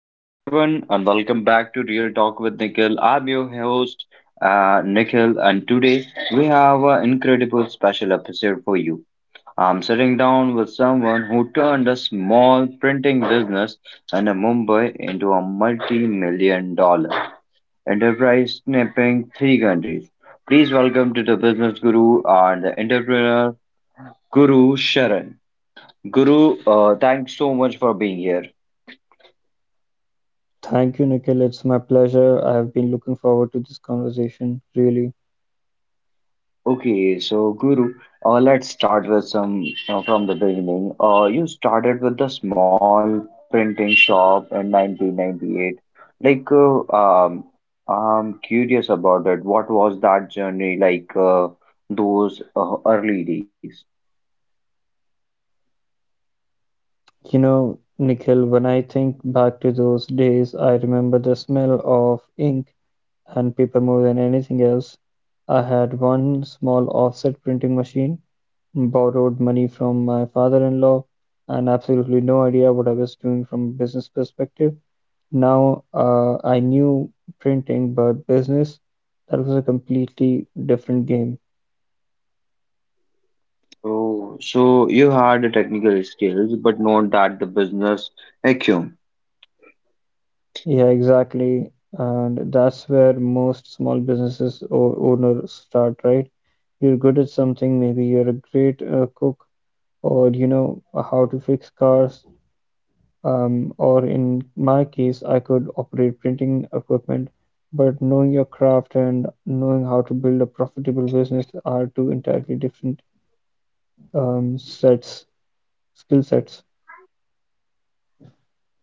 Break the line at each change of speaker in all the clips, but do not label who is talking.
Hello, everyone, and welcome back to Real Talk with Nikhil. I'm your host, Nikhil, and today we have an incredible special episode for you. I'm sitting down with someone who turned a small printing business in Mumbai into a multi million dollar enterprise snipping three countries. Please welcome to the business guru and the entrepreneur, Guru Sharan. Guru, thanks so much for being here.
Thank you, Nikhil. It's my pleasure. I've been looking forward to this conversation, really.
Okay, so Guru, let's start with some from the beginning. You started with the small printing shop in 1998. I'm curious about it. What was that journey like, those early days?
You know, Nikhil, when I think back to those days, I remember the smell of ink and paper more than anything else. I had one small offset printing machine, borrowed money from my father-in-law, and absolutely no idea what I was doing from a business perspective. Now, I knew printing, but business, that was a completely different game.
Oh, so you had the technical skills, but not that the business acumen.
Yeah, exactly. And that's where most small businesses or owners start, right? You're good at something, maybe you're a great cook or you know how to fix cars. Or in my case, I could operate printing equipment, but knowing your craft and knowing how to build a profitable business are two entirely different um, sets, skill sets.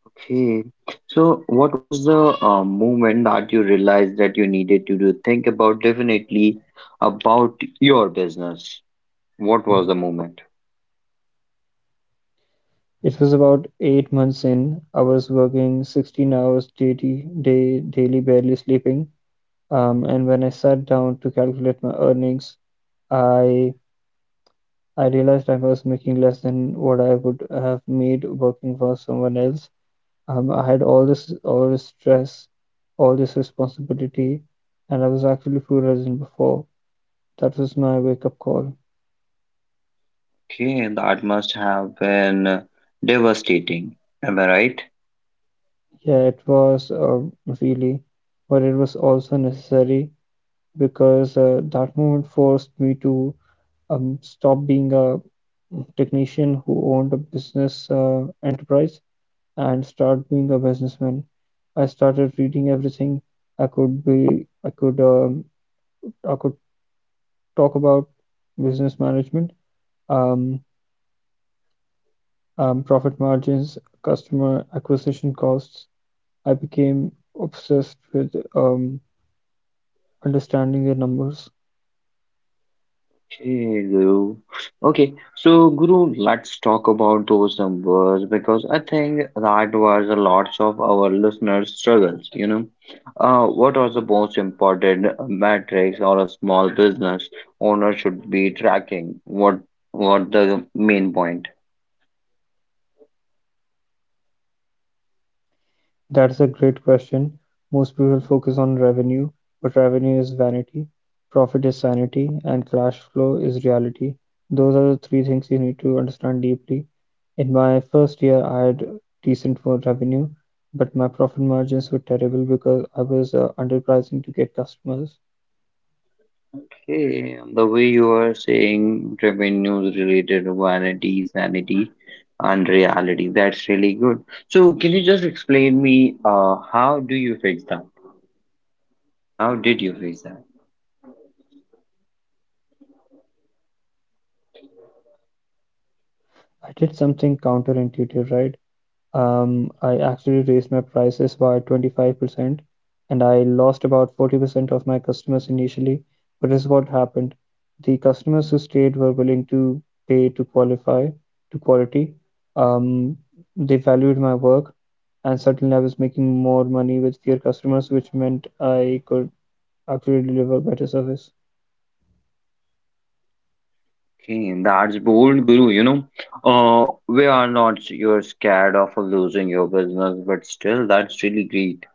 Okay. So, what was the moment that you realized that you needed to do think about definitely about your business? What was the moment?
It was about 8 months in, I was working 16 hours daily, daily, barely sleeping. And when I sat down to calculate my earnings, I I realized I was making less than what I would have made working for someone else. I had all this stress, all this responsibility, and I was actually poorer than before. That was my wake up call.
Okay, that must have been devastating. Am I right?
Yeah, it was really, but it was also necessary because that moment forced me to stop being a technician who owned a business enterprise and start being a businessman. I started reading everything I could be, I could talk about business management, um, profit margins, customer acquisition costs. I became obsessed with understanding the numbers.
Okay, Guru. Okay, so Guru, let's talk about those numbers because I think that was a lot of our listeners' struggles. You know, what are the most important metrics or a small business owner should be tracking? What the main point?
That's a great question. Most people focus on revenue, but revenue is vanity, profit is sanity, and cash flow is reality. Those are the three things you need to understand deeply. In my first year, I had decent more revenue, but my profit margins were terrible because I was underpricing to get customers.
Okay, the way you are saying revenues related to vanity, sanity, and reality, that's really good. So, can you just explain me how do you fix that? How did you face that?
I did something counterintuitive, right? I actually raised my prices by 25% and I lost about 40% of my customers initially. But this is what happened. The customers who stayed were willing to pay to qualify, to quality. Um, they valued my work, and certainly I was making more money with fewer customers, which meant I could actually deliver better service.
Okay, and that's bold, Guru. You know, we are not you're scared of losing your business, but still, that's really great.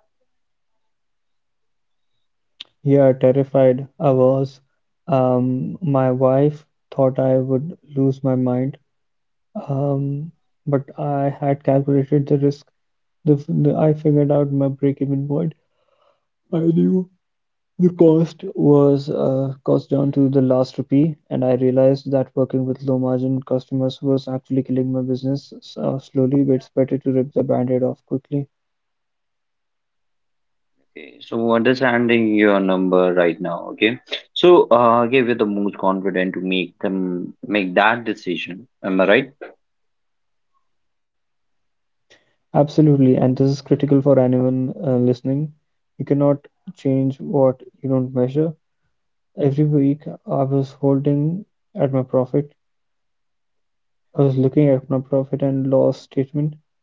Yeah, terrified I was. My wife thought I would lose my mind. Um, but I had calculated the risk. The I figured out my break-even point. I knew the cost was cost down to the last rupee, and I realized that working with low-margin customers was actually killing my business slowly. But it's better to rip the band-aid off quickly.
Okay, so understanding your number right now. Okay, so give you the most confident to make them make that decision. Am I right?
Absolutely, and this is critical for anyone listening. You cannot change what you don't measure. Every week, at my profit I was looking at my profit and loss statement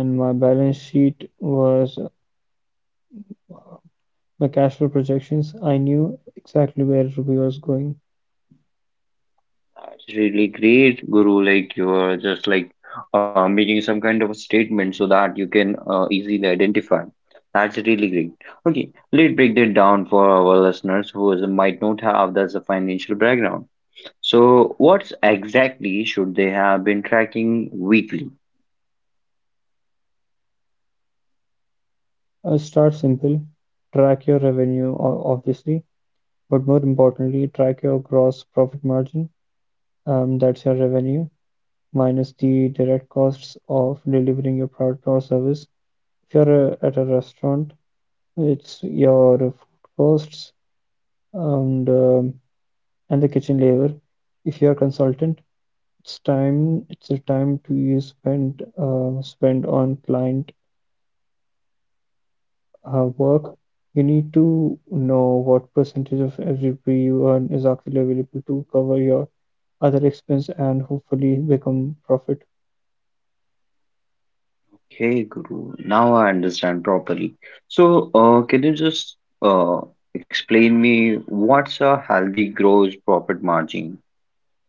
and my balance sheet was my cash flow projections. I knew exactly where Ruby was going.
That's really great, Guru. Like you're just like making some kind of a statement so that you can easily identify. That's really great. Okay, let's break that down for our listeners who is, might not have that's a financial background. So, what exactly should they have been tracking weekly?
Start simple, track your revenue, obviously, but more importantly, track your gross profit margin. That's your revenue minus the direct costs of delivering your product or service. If you're at a restaurant, it's your food costs and um and the kitchen labor. If you're a consultant, it's the time to you spend spend on client work. You need to know what percentage of every rupee you earn is actually available to cover your other expense and hopefully become profit.
Okay, Guru. Now I understand properly. So, can you just uh, explain me what's a healthy gross profit margin?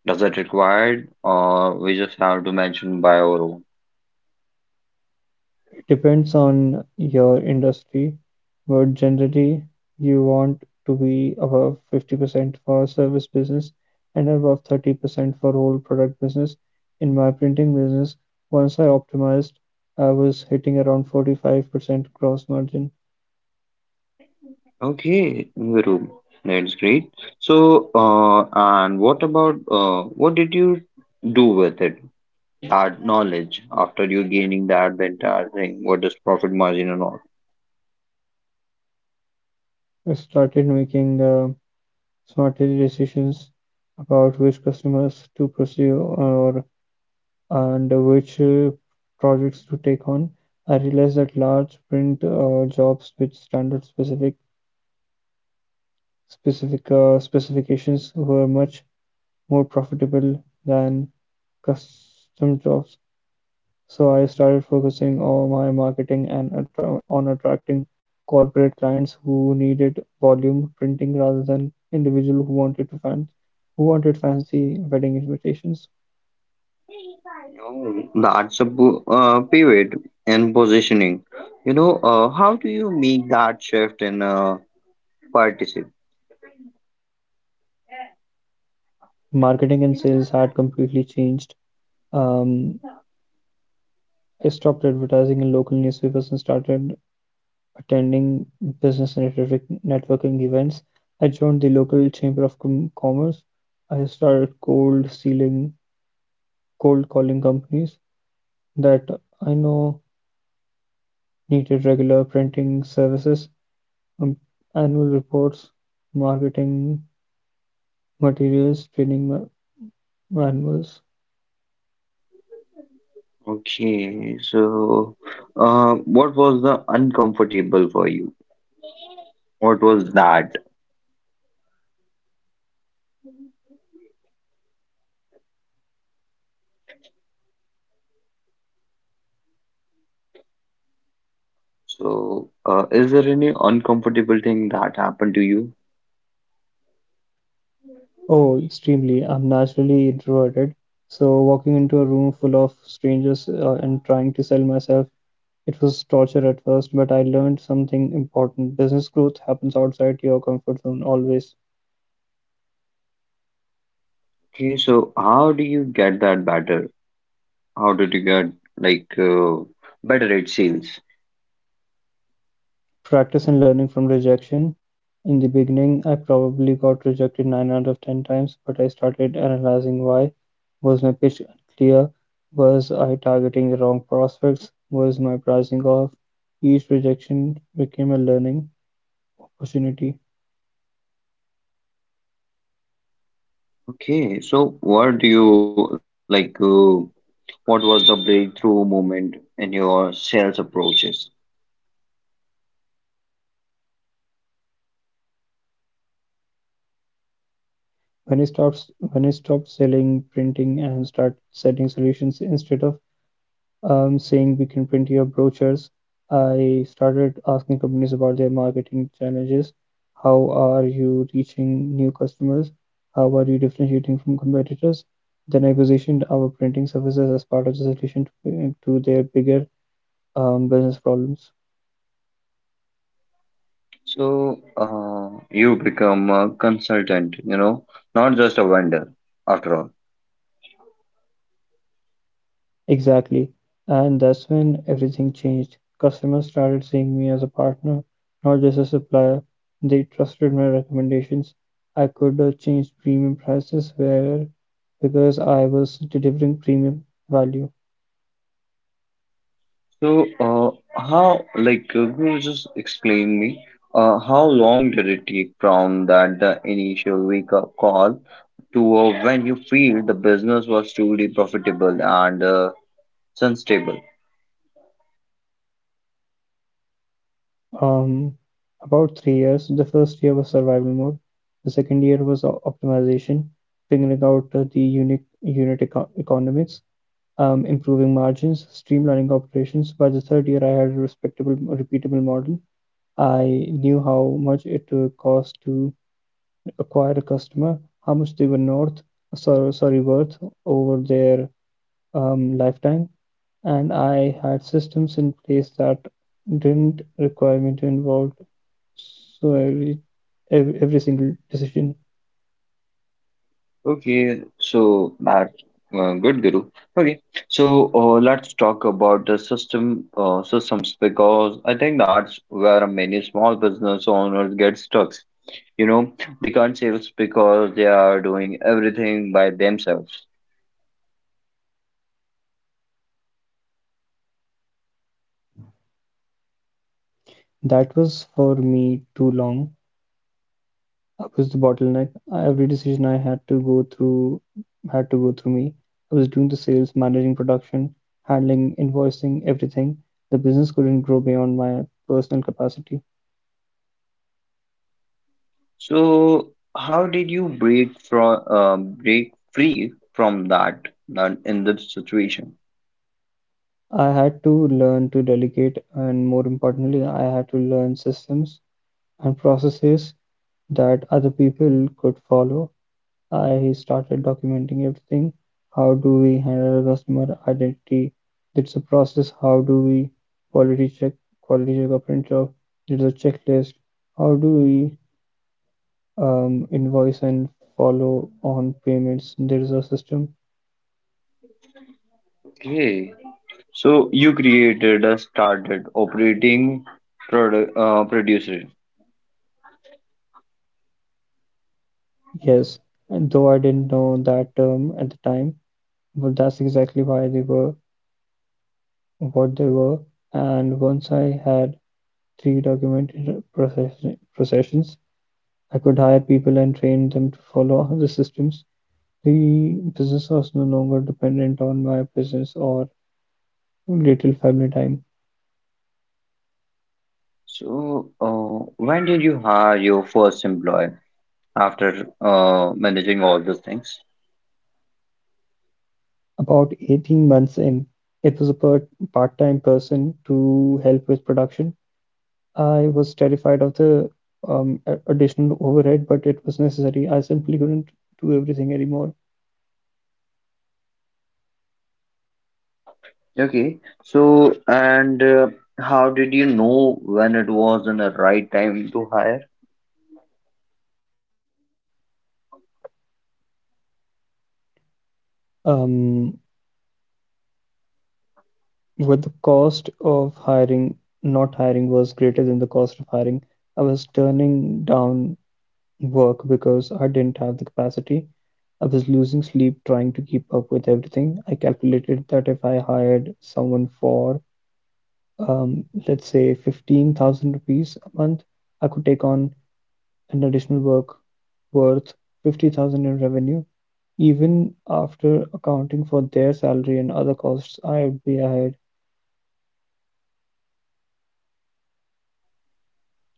Does it required or we just have to mention by our own?
Depends on your industry, but generally you want to be above 50% for service business and above 30% for whole product business. In my printing business, once I optimized, I was hitting around 45% gross margin.
Okay, Viru, that's great. So, and what about what did you do with it? That knowledge after you gaining that the entire thing, what is profit margin and all?
I started making smarter decisions about which customers to pursue or and which projects to take on. I realized that large print jobs with standard specific specifications were much more profitable than custom jobs. So I started focusing on my marketing and attra- on attracting corporate clients who needed volume printing rather than individual who wanted to fan who wanted fancy wedding invitations.
That's a pivot and positioning. You know, how do you make that shift in a participant?
Marketing and sales had completely changed. Um, I stopped advertising in local newspapers and started attending business and networking events. I joined the local chamber of commerce. I started cold calling companies that I know needed regular printing services, um, annual reports, marketing materials, training manuals.
Okay, so what was the uncomfortable for you? What was that? So, is there any uncomfortable thing that happened to you?
Oh, extremely. I'm naturally introverted. So walking into a room full of strangers and trying to sell myself. It was torture at first, but I learned something important. Business growth happens outside your comfort zone always.
Okay, so how do you get that better? How did you get like better at sales?
Practice and learning from rejection. In the beginning, I probably got rejected 9 out of 10 times, but I started analyzing why. Was my pitch unclear? Was I targeting the wrong prospects? Was my pricing off? Each rejection became a learning opportunity.
Okay, so what do you like? What was the breakthrough moment in your sales approaches?
When I stopped selling printing and started setting solutions. Instead of saying we can print your brochures, I started asking companies about their marketing challenges. How are you reaching new customers? How are you differentiating from competitors? Then I positioned our printing services as part of the solution to their bigger business problems.
So, you become a consultant, you know, not just a vendor after all.
Exactly, and that's when everything changed. Customers started seeing me as a partner, not just a supplier. They trusted my recommendations. I could change premium prices where because I was delivering premium value.
So, uh, could you just explain me, how long did it take from that the initial wake up call to when you feel the business was truly profitable and sustainable?
Um, about 3 years. The first year was survival mode. The second year was optimization, figuring out the unique unit economics, improving margins, streamlining operations. By the third year, I had a respectable, repeatable model. I knew how much it cost to acquire a customer, how much they were worth over their lifetime, and I had systems in place that didn't require me to involve so every, every single decision.
Okay, so that good, Guru. Okay, so let's talk about the systems because I think that's where many small business owners get stuck. You know, they can't save us because they are doing everything by themselves.
That was for me too long. I was the bottleneck. Every decision I had to go through had to go through me. I was doing the sales, managing production, handling invoicing, everything. The business couldn't grow beyond my personal capacity.
So how did you break free from that, that in that situation.
I had to learn to delegate, and more importantly, I had to learn systems and processes that other people could follow. I started documenting everything. How do we handle customer identity? It's a process. How do we quality check, quality check a print job? There's a checklist. How do we invoice and follow on payments? There's a system.
Okay, so you created a started operating product producer.
Yes, and though I didn't know that term at the time, but that's exactly why they were what they were. And once I had three documented processions, I could hire people and train them to follow the systems. The business was no longer dependent on my presence or little family time.
So when did you hire your first employee after managing all these things?
About 18 months in, it was a part-time person to help with production. I was terrified of the additional overhead, but it was necessary. I simply couldn't do everything anymore.
Okay, so and how did you know when it was in the right time to hire?
Um, with the cost of hiring, not hiring was greater than the cost of hiring. I was turning down work because I didn't have the capacity. I was losing sleep trying to keep up with everything. I calculated that if I hired someone for, let's say, 15,000 rupees a month, I could take on an additional work worth 50,000 in revenue. Even after accounting for their salary and other costs, I would be ahead.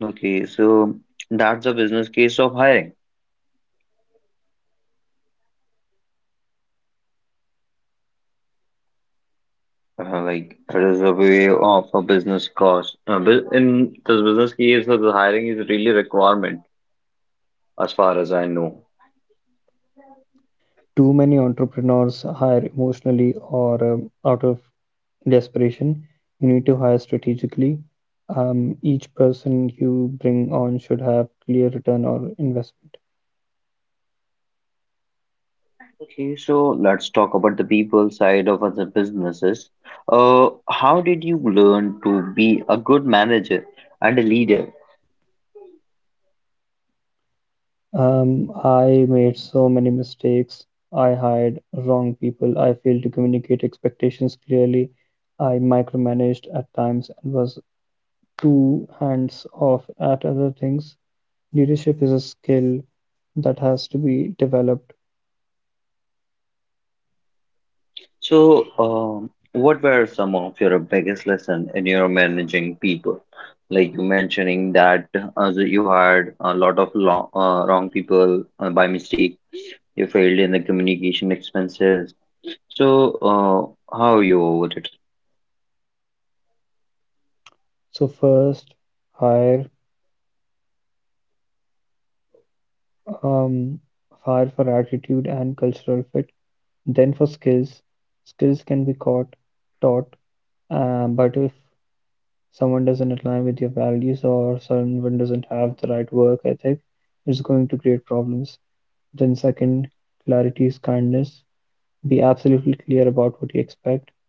Okay, so that's a business case of hiring. Like it is a way of a business cost. In this business case, the hiring is really a requirement as far as I know.
Too many entrepreneurs hire emotionally or out of desperation. You need to hire strategically. Each person you bring on should have clear return or investment.
Okay, so let's talk about the people side of other businesses. How did you learn to be a good manager and a leader?
I made so many mistakes. I hired wrong people. I failed to communicate expectations clearly. I micromanaged at times and was too hands off at other things. Leadership is a skill that has to be developed.
So, what were some of your biggest lesson in your managing people? Like you mentioning that that you had a lot of wrong people by mistake. You failed in the communication expenses. So, how you over it?
So first, hire um, hire for attitude and cultural fit. Then for skills, skills can be taught, but if someone doesn't align with your values or someone doesn't have the right work ethic, it's going to create problems. Then second, clarity is kindness. Be absolutely clear about what you expect,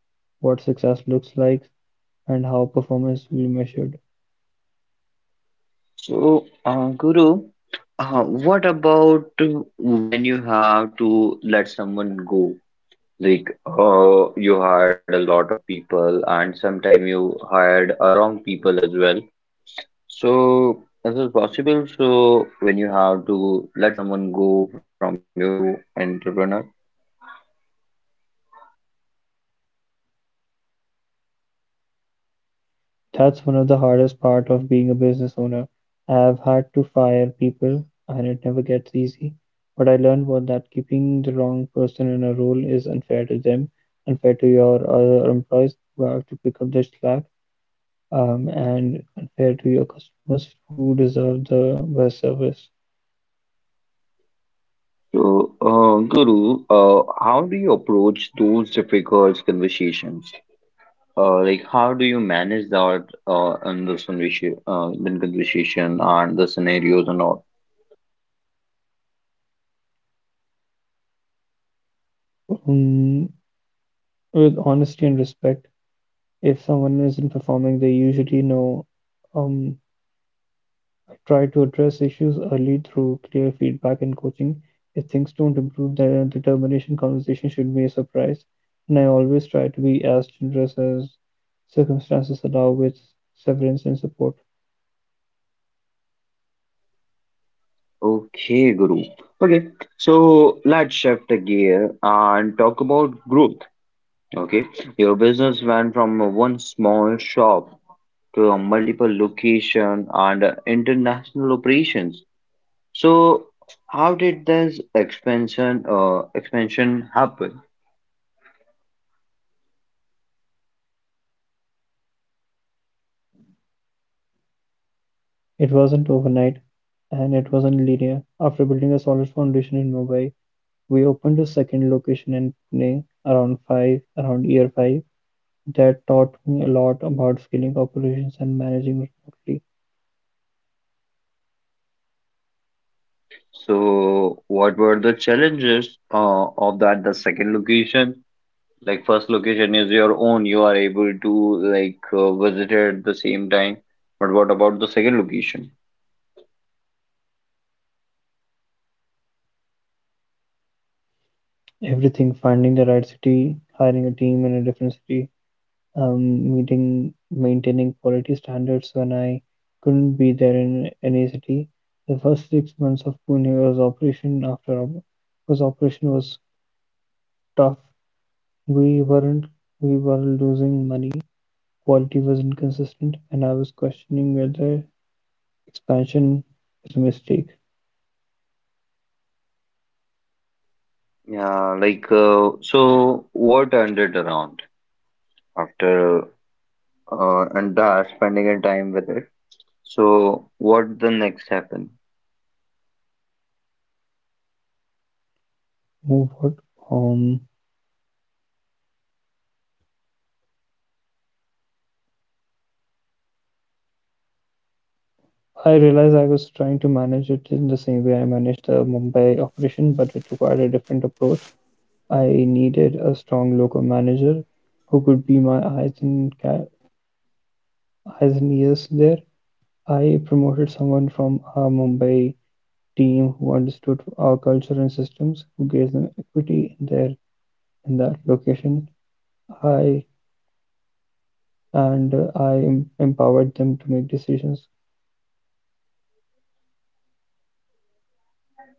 what success looks like, and how performance will be measured.
So, Guru, what about when you have to let someone go? Like, you hired a lot of people, and sometime you hired a wrong people as well. So this is possible. So when you have to let someone go from your entrepreneur.
That's one of the hardest part of being a business owner. I've had to fire people and it never gets easy, but I learned what that keeping the wrong person in a role is unfair to them, unfair to your other employees who have to pick up the slack, and unfair to your customers who deserve the best service.
So Guru, how do you approach those difficult conversations? Like how do you manage that in conversation and the scenarios and all?
Um, with honesty and respect, if someone isn't performing, they usually know. um, Try to address issues early through clear feedback and coaching. If things don't improve, then the termination conversation should be a surprise. And I always try to be as generous as circumstances allow with severance and support.
Okay, Guru. Okay, so let's shift gear and talk about growth. Okay, your business went from one small shop to multiple location and international operations. So, how did this expansion happen?
It wasn't overnight and it wasn't linear. After building a solid foundation in Mumbai, we opened a second location in Pune around year five. That taught me a lot about scaling operations and managing remotely.
So, what were the challenges of that? The second location, like first location is your own, you are able to like visit it at the same time. But what about the second location?
Everything, finding the right city, hiring a team in a different city, maintaining quality standards when I couldn't be there in any city. The first 6 months of Pune was operation was tough. We weren't We were losing money, quality was inconsistent, and I was questioning whether expansion is a mistake.
Yeah, like so, what turned it around after and that spending a time with it? So what the next happen?
Move what? Um, I realized I was trying to manage it in the same way I managed the Mumbai operation, but it required a different approach. I needed a strong local manager who could be my eyes and ears there. I promoted someone from our Mumbai team who understood our culture and systems, who gave them equity in their in that location. I I empowered them to make decisions.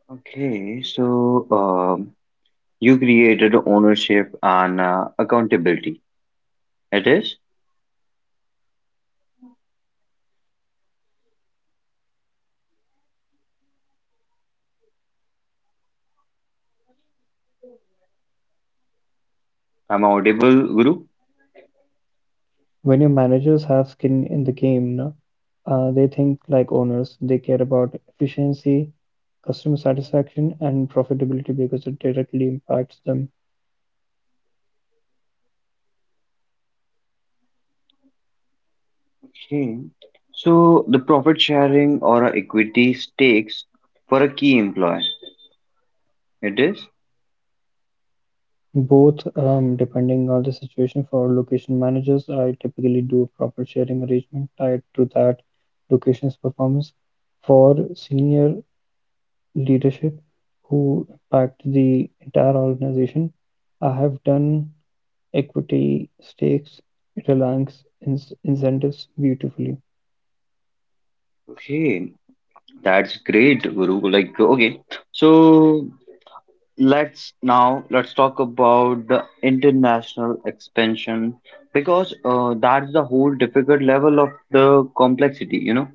Okay, so you created ownership and accountability. It is? I'm audible, Guru.
When your managers have skin in the game, no, they think like owners. They care about efficiency, customer satisfaction, and profitability because it directly impacts them.
Okay. So the profit sharing or a equity stakes for a key employee. It is?
Both, depending on the situation for location managers, I typically do a proper sharing arrangement tied to that location's performance. For senior leadership who impact the entire organization, I have done equity stakes reliance incentives beautifully.
Okay. That's great, Guru. Like, okay. So let's now let's talk about the international expansion because that's the whole difficult level of the complexity, you know.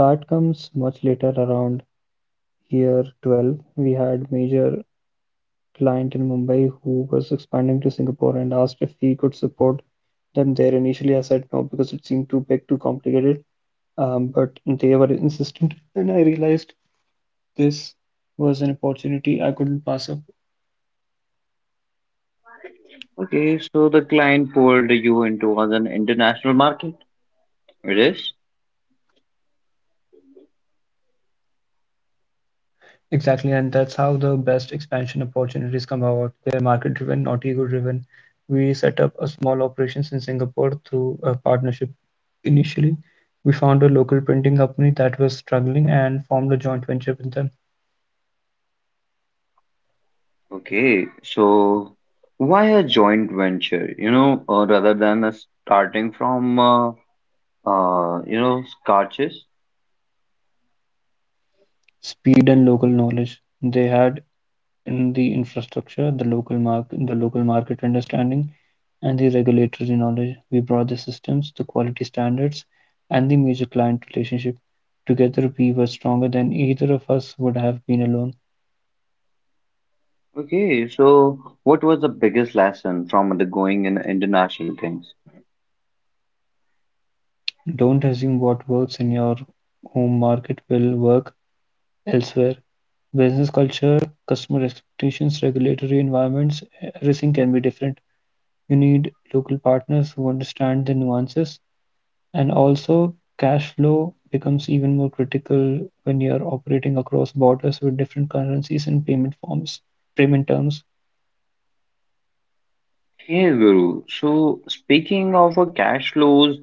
That comes much later around year 12. We had major client in Mumbai who was expanding to Singapore and asked if we could support them there. Initially, I said no because it seemed too big, too complicated. But they were insistent, and I realized this was an opportunity I couldn't pass up.
Okay, so the client pulled you into an international market. It is?
Exactly, and that's how the best expansion opportunities come about. They're market-driven, not ego-driven. We set up a small operations in Singapore through a partnership. Initially, we found a local printing company that was struggling and formed a joint venture with them.
Okay, so why a joint venture, you know, rather than starting from, you know, scratches?
Speed and local knowledge. They had in the infrastructure, the local market understanding, and the regulatory knowledge. We brought the systems, the quality standards, and the major client relationship. Together, we were stronger than either of us would have been alone.
Okay, so what was the biggest lesson from the going in international things?
Don't assume what works in your home market will work elsewhere. Business culture, customer expectations, regulatory environments, everything can be different. You need local partners who understand the nuances. And also, cash flow becomes even more critical when you're operating across borders with different currencies and payment terms.
Okay, Guru. So speaking of cash flows,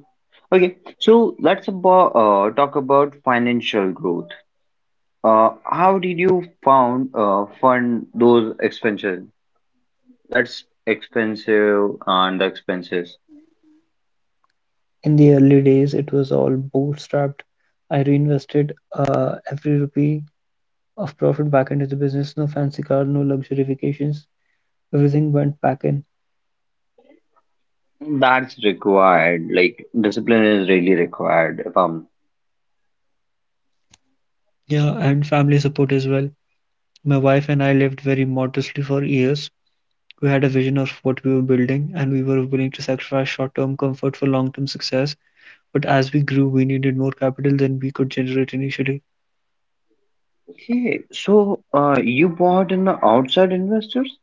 okay, so let's about, talk about financial growth. How did you found fund those expenses? That's expensive and the expenses
In the early days, it was all bootstrapped. I reinvested every rupee of profit back into the business. No fancy car, no luxury vacations. Everything went back in.
that's required. Like discipline is really required. If I'm
Yeah, and family support as well. My wife and I lived very modestly for years. We had a vision of what we were building, and we were willing to sacrifice short term comfort for long term success. But as we grew, we needed more capital than we could generate initially.
okay, so you bought in the outside investors.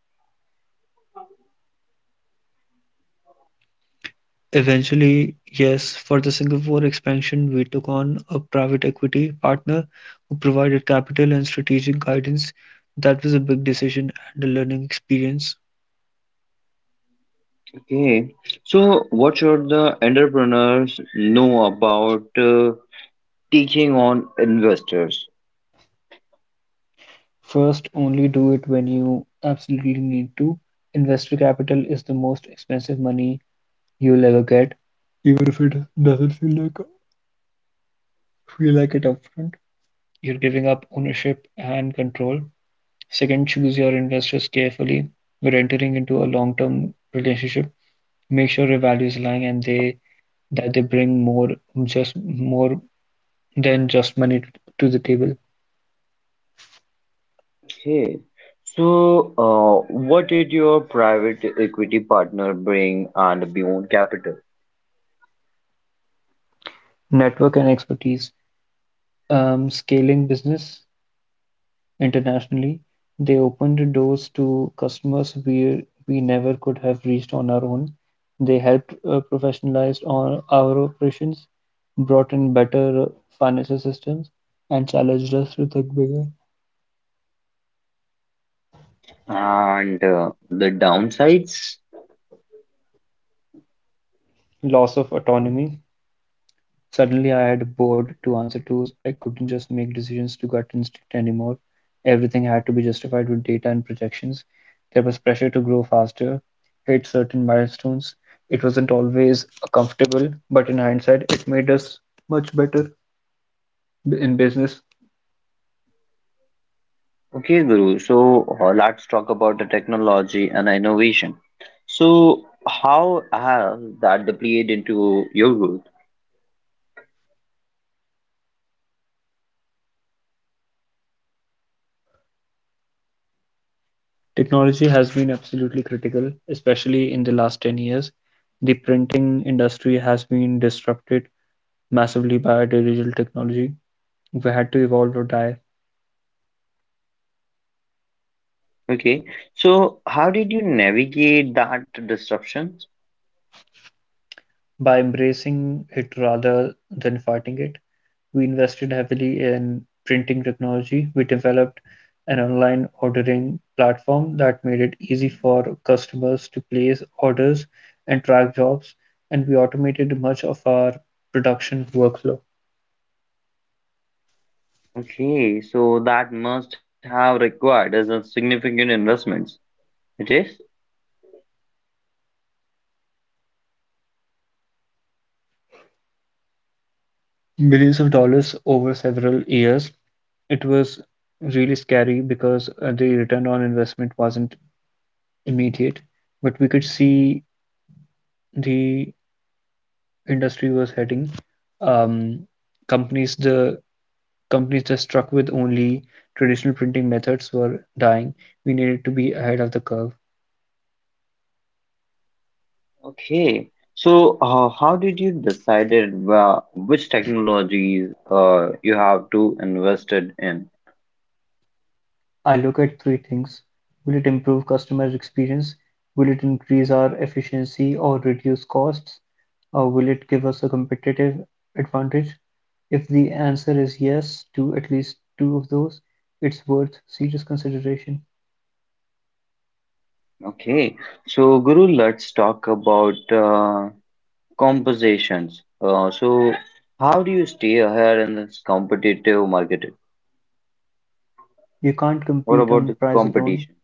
Eventually, yes, for the Singapore expansion, we took on a private equity partner who provided capital and strategic guidance. That was a big decision and a learning experience.
Okay, so what should the entrepreneurs know about taking on investors?
First, only do it when you absolutely need to. Investor capital is the most expensive money you'll ever get, even if it doesn't feel like it upfront. You're giving up ownership and control. Second, choose your investors carefully. We are entering into a long-term relationship. Make sure your values align and they that they bring more than just money to the table.
Okay. So, what did your private equity partner bring and beyond capital?
Network and expertise. Scaling business internationally, they opened doors to customers we never could have reached on our own. They helped professionalize on our operations, brought in better financial systems, and challenged us to think bigger.
And the downsides?
Loss of autonomy. Suddenly, I had a board to answer to. I couldn't just make decisions to gut instinct anymore. Everything had to be justified with data and projections. There was pressure to grow faster, hit certain milestones. It wasn't always comfortable, but in hindsight, it made us much better in business.
Okay, Guru. So let's talk about the technology and innovation. So how has that played into your growth?
Technology has been absolutely critical, especially in the last 10 years. The printing industry has been disrupted massively by digital technology. We had to evolve or die.
Okay, so how did you navigate that disruptions?
By embracing it rather than fighting it. We invested heavily in printing technology. We developed an online ordering platform that made it easy for customers to place orders and track jobs, and we automated much of our production workflow.
Okay, so that must have required as a significant investments. It is?
Millions of dollars over several years. It was really scary because the return on investment wasn't immediate, but we could see the industry was heading, um, companies the companies that struck with only traditional printing methods were dying. We needed to be ahead of the curve.
Okay. So how did you decided which technologies you have to invested in?
I look at three things. Will it improve customer experience? Will it increase our efficiency or reduce costs? Or will it give us a competitive advantage? If the answer is yes to at least two of those, it's worth serious consideration.
Okay, so Guru, let's talk about compositions. So, how do you stay ahead in this competitive market?
You can't
What
compete
about the
on price
competition?
alone.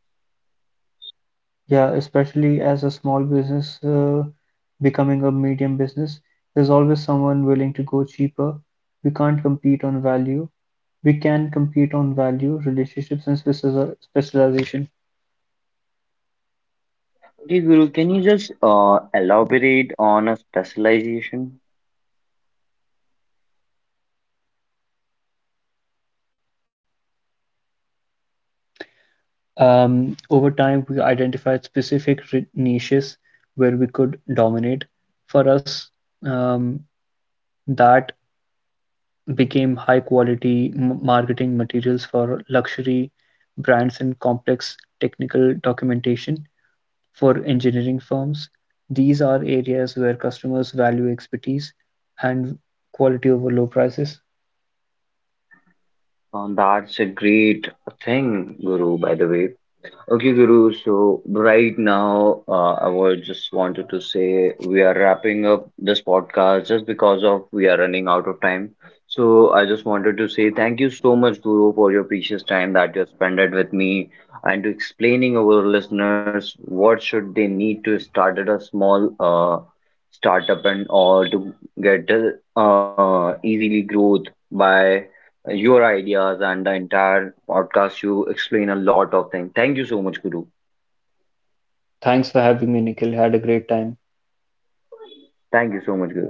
Yeah, especially as a small business becoming a medium business, there's always someone willing to go cheaper. We can't compete on value. We can compete on value, relationships, and specialization.
Okay, Guru, can you just elaborate on a specialization?
Over time, we identified specific niches where we could dominate. For us, um, that became high quality marketing materials for luxury brands and complex technical documentation for engineering firms. These are areas where customers value expertise and quality over low prices.
That's a great thing, Guru, by the way. Okay, Guru. So right now, I would just wanted to say we are wrapping up this podcast just because of we are running out of time. So I just wanted to say thank you so much, Guru, for your precious time that you spent it with me and to explaining our listeners what should they need to start at a small startup and or to get easily growth by your ideas and the entire podcast. You explain a lot of things. Thank you so much, Guru.
Thanks for having me, Nikhil. Had a great time.
Thank you so much, Guru.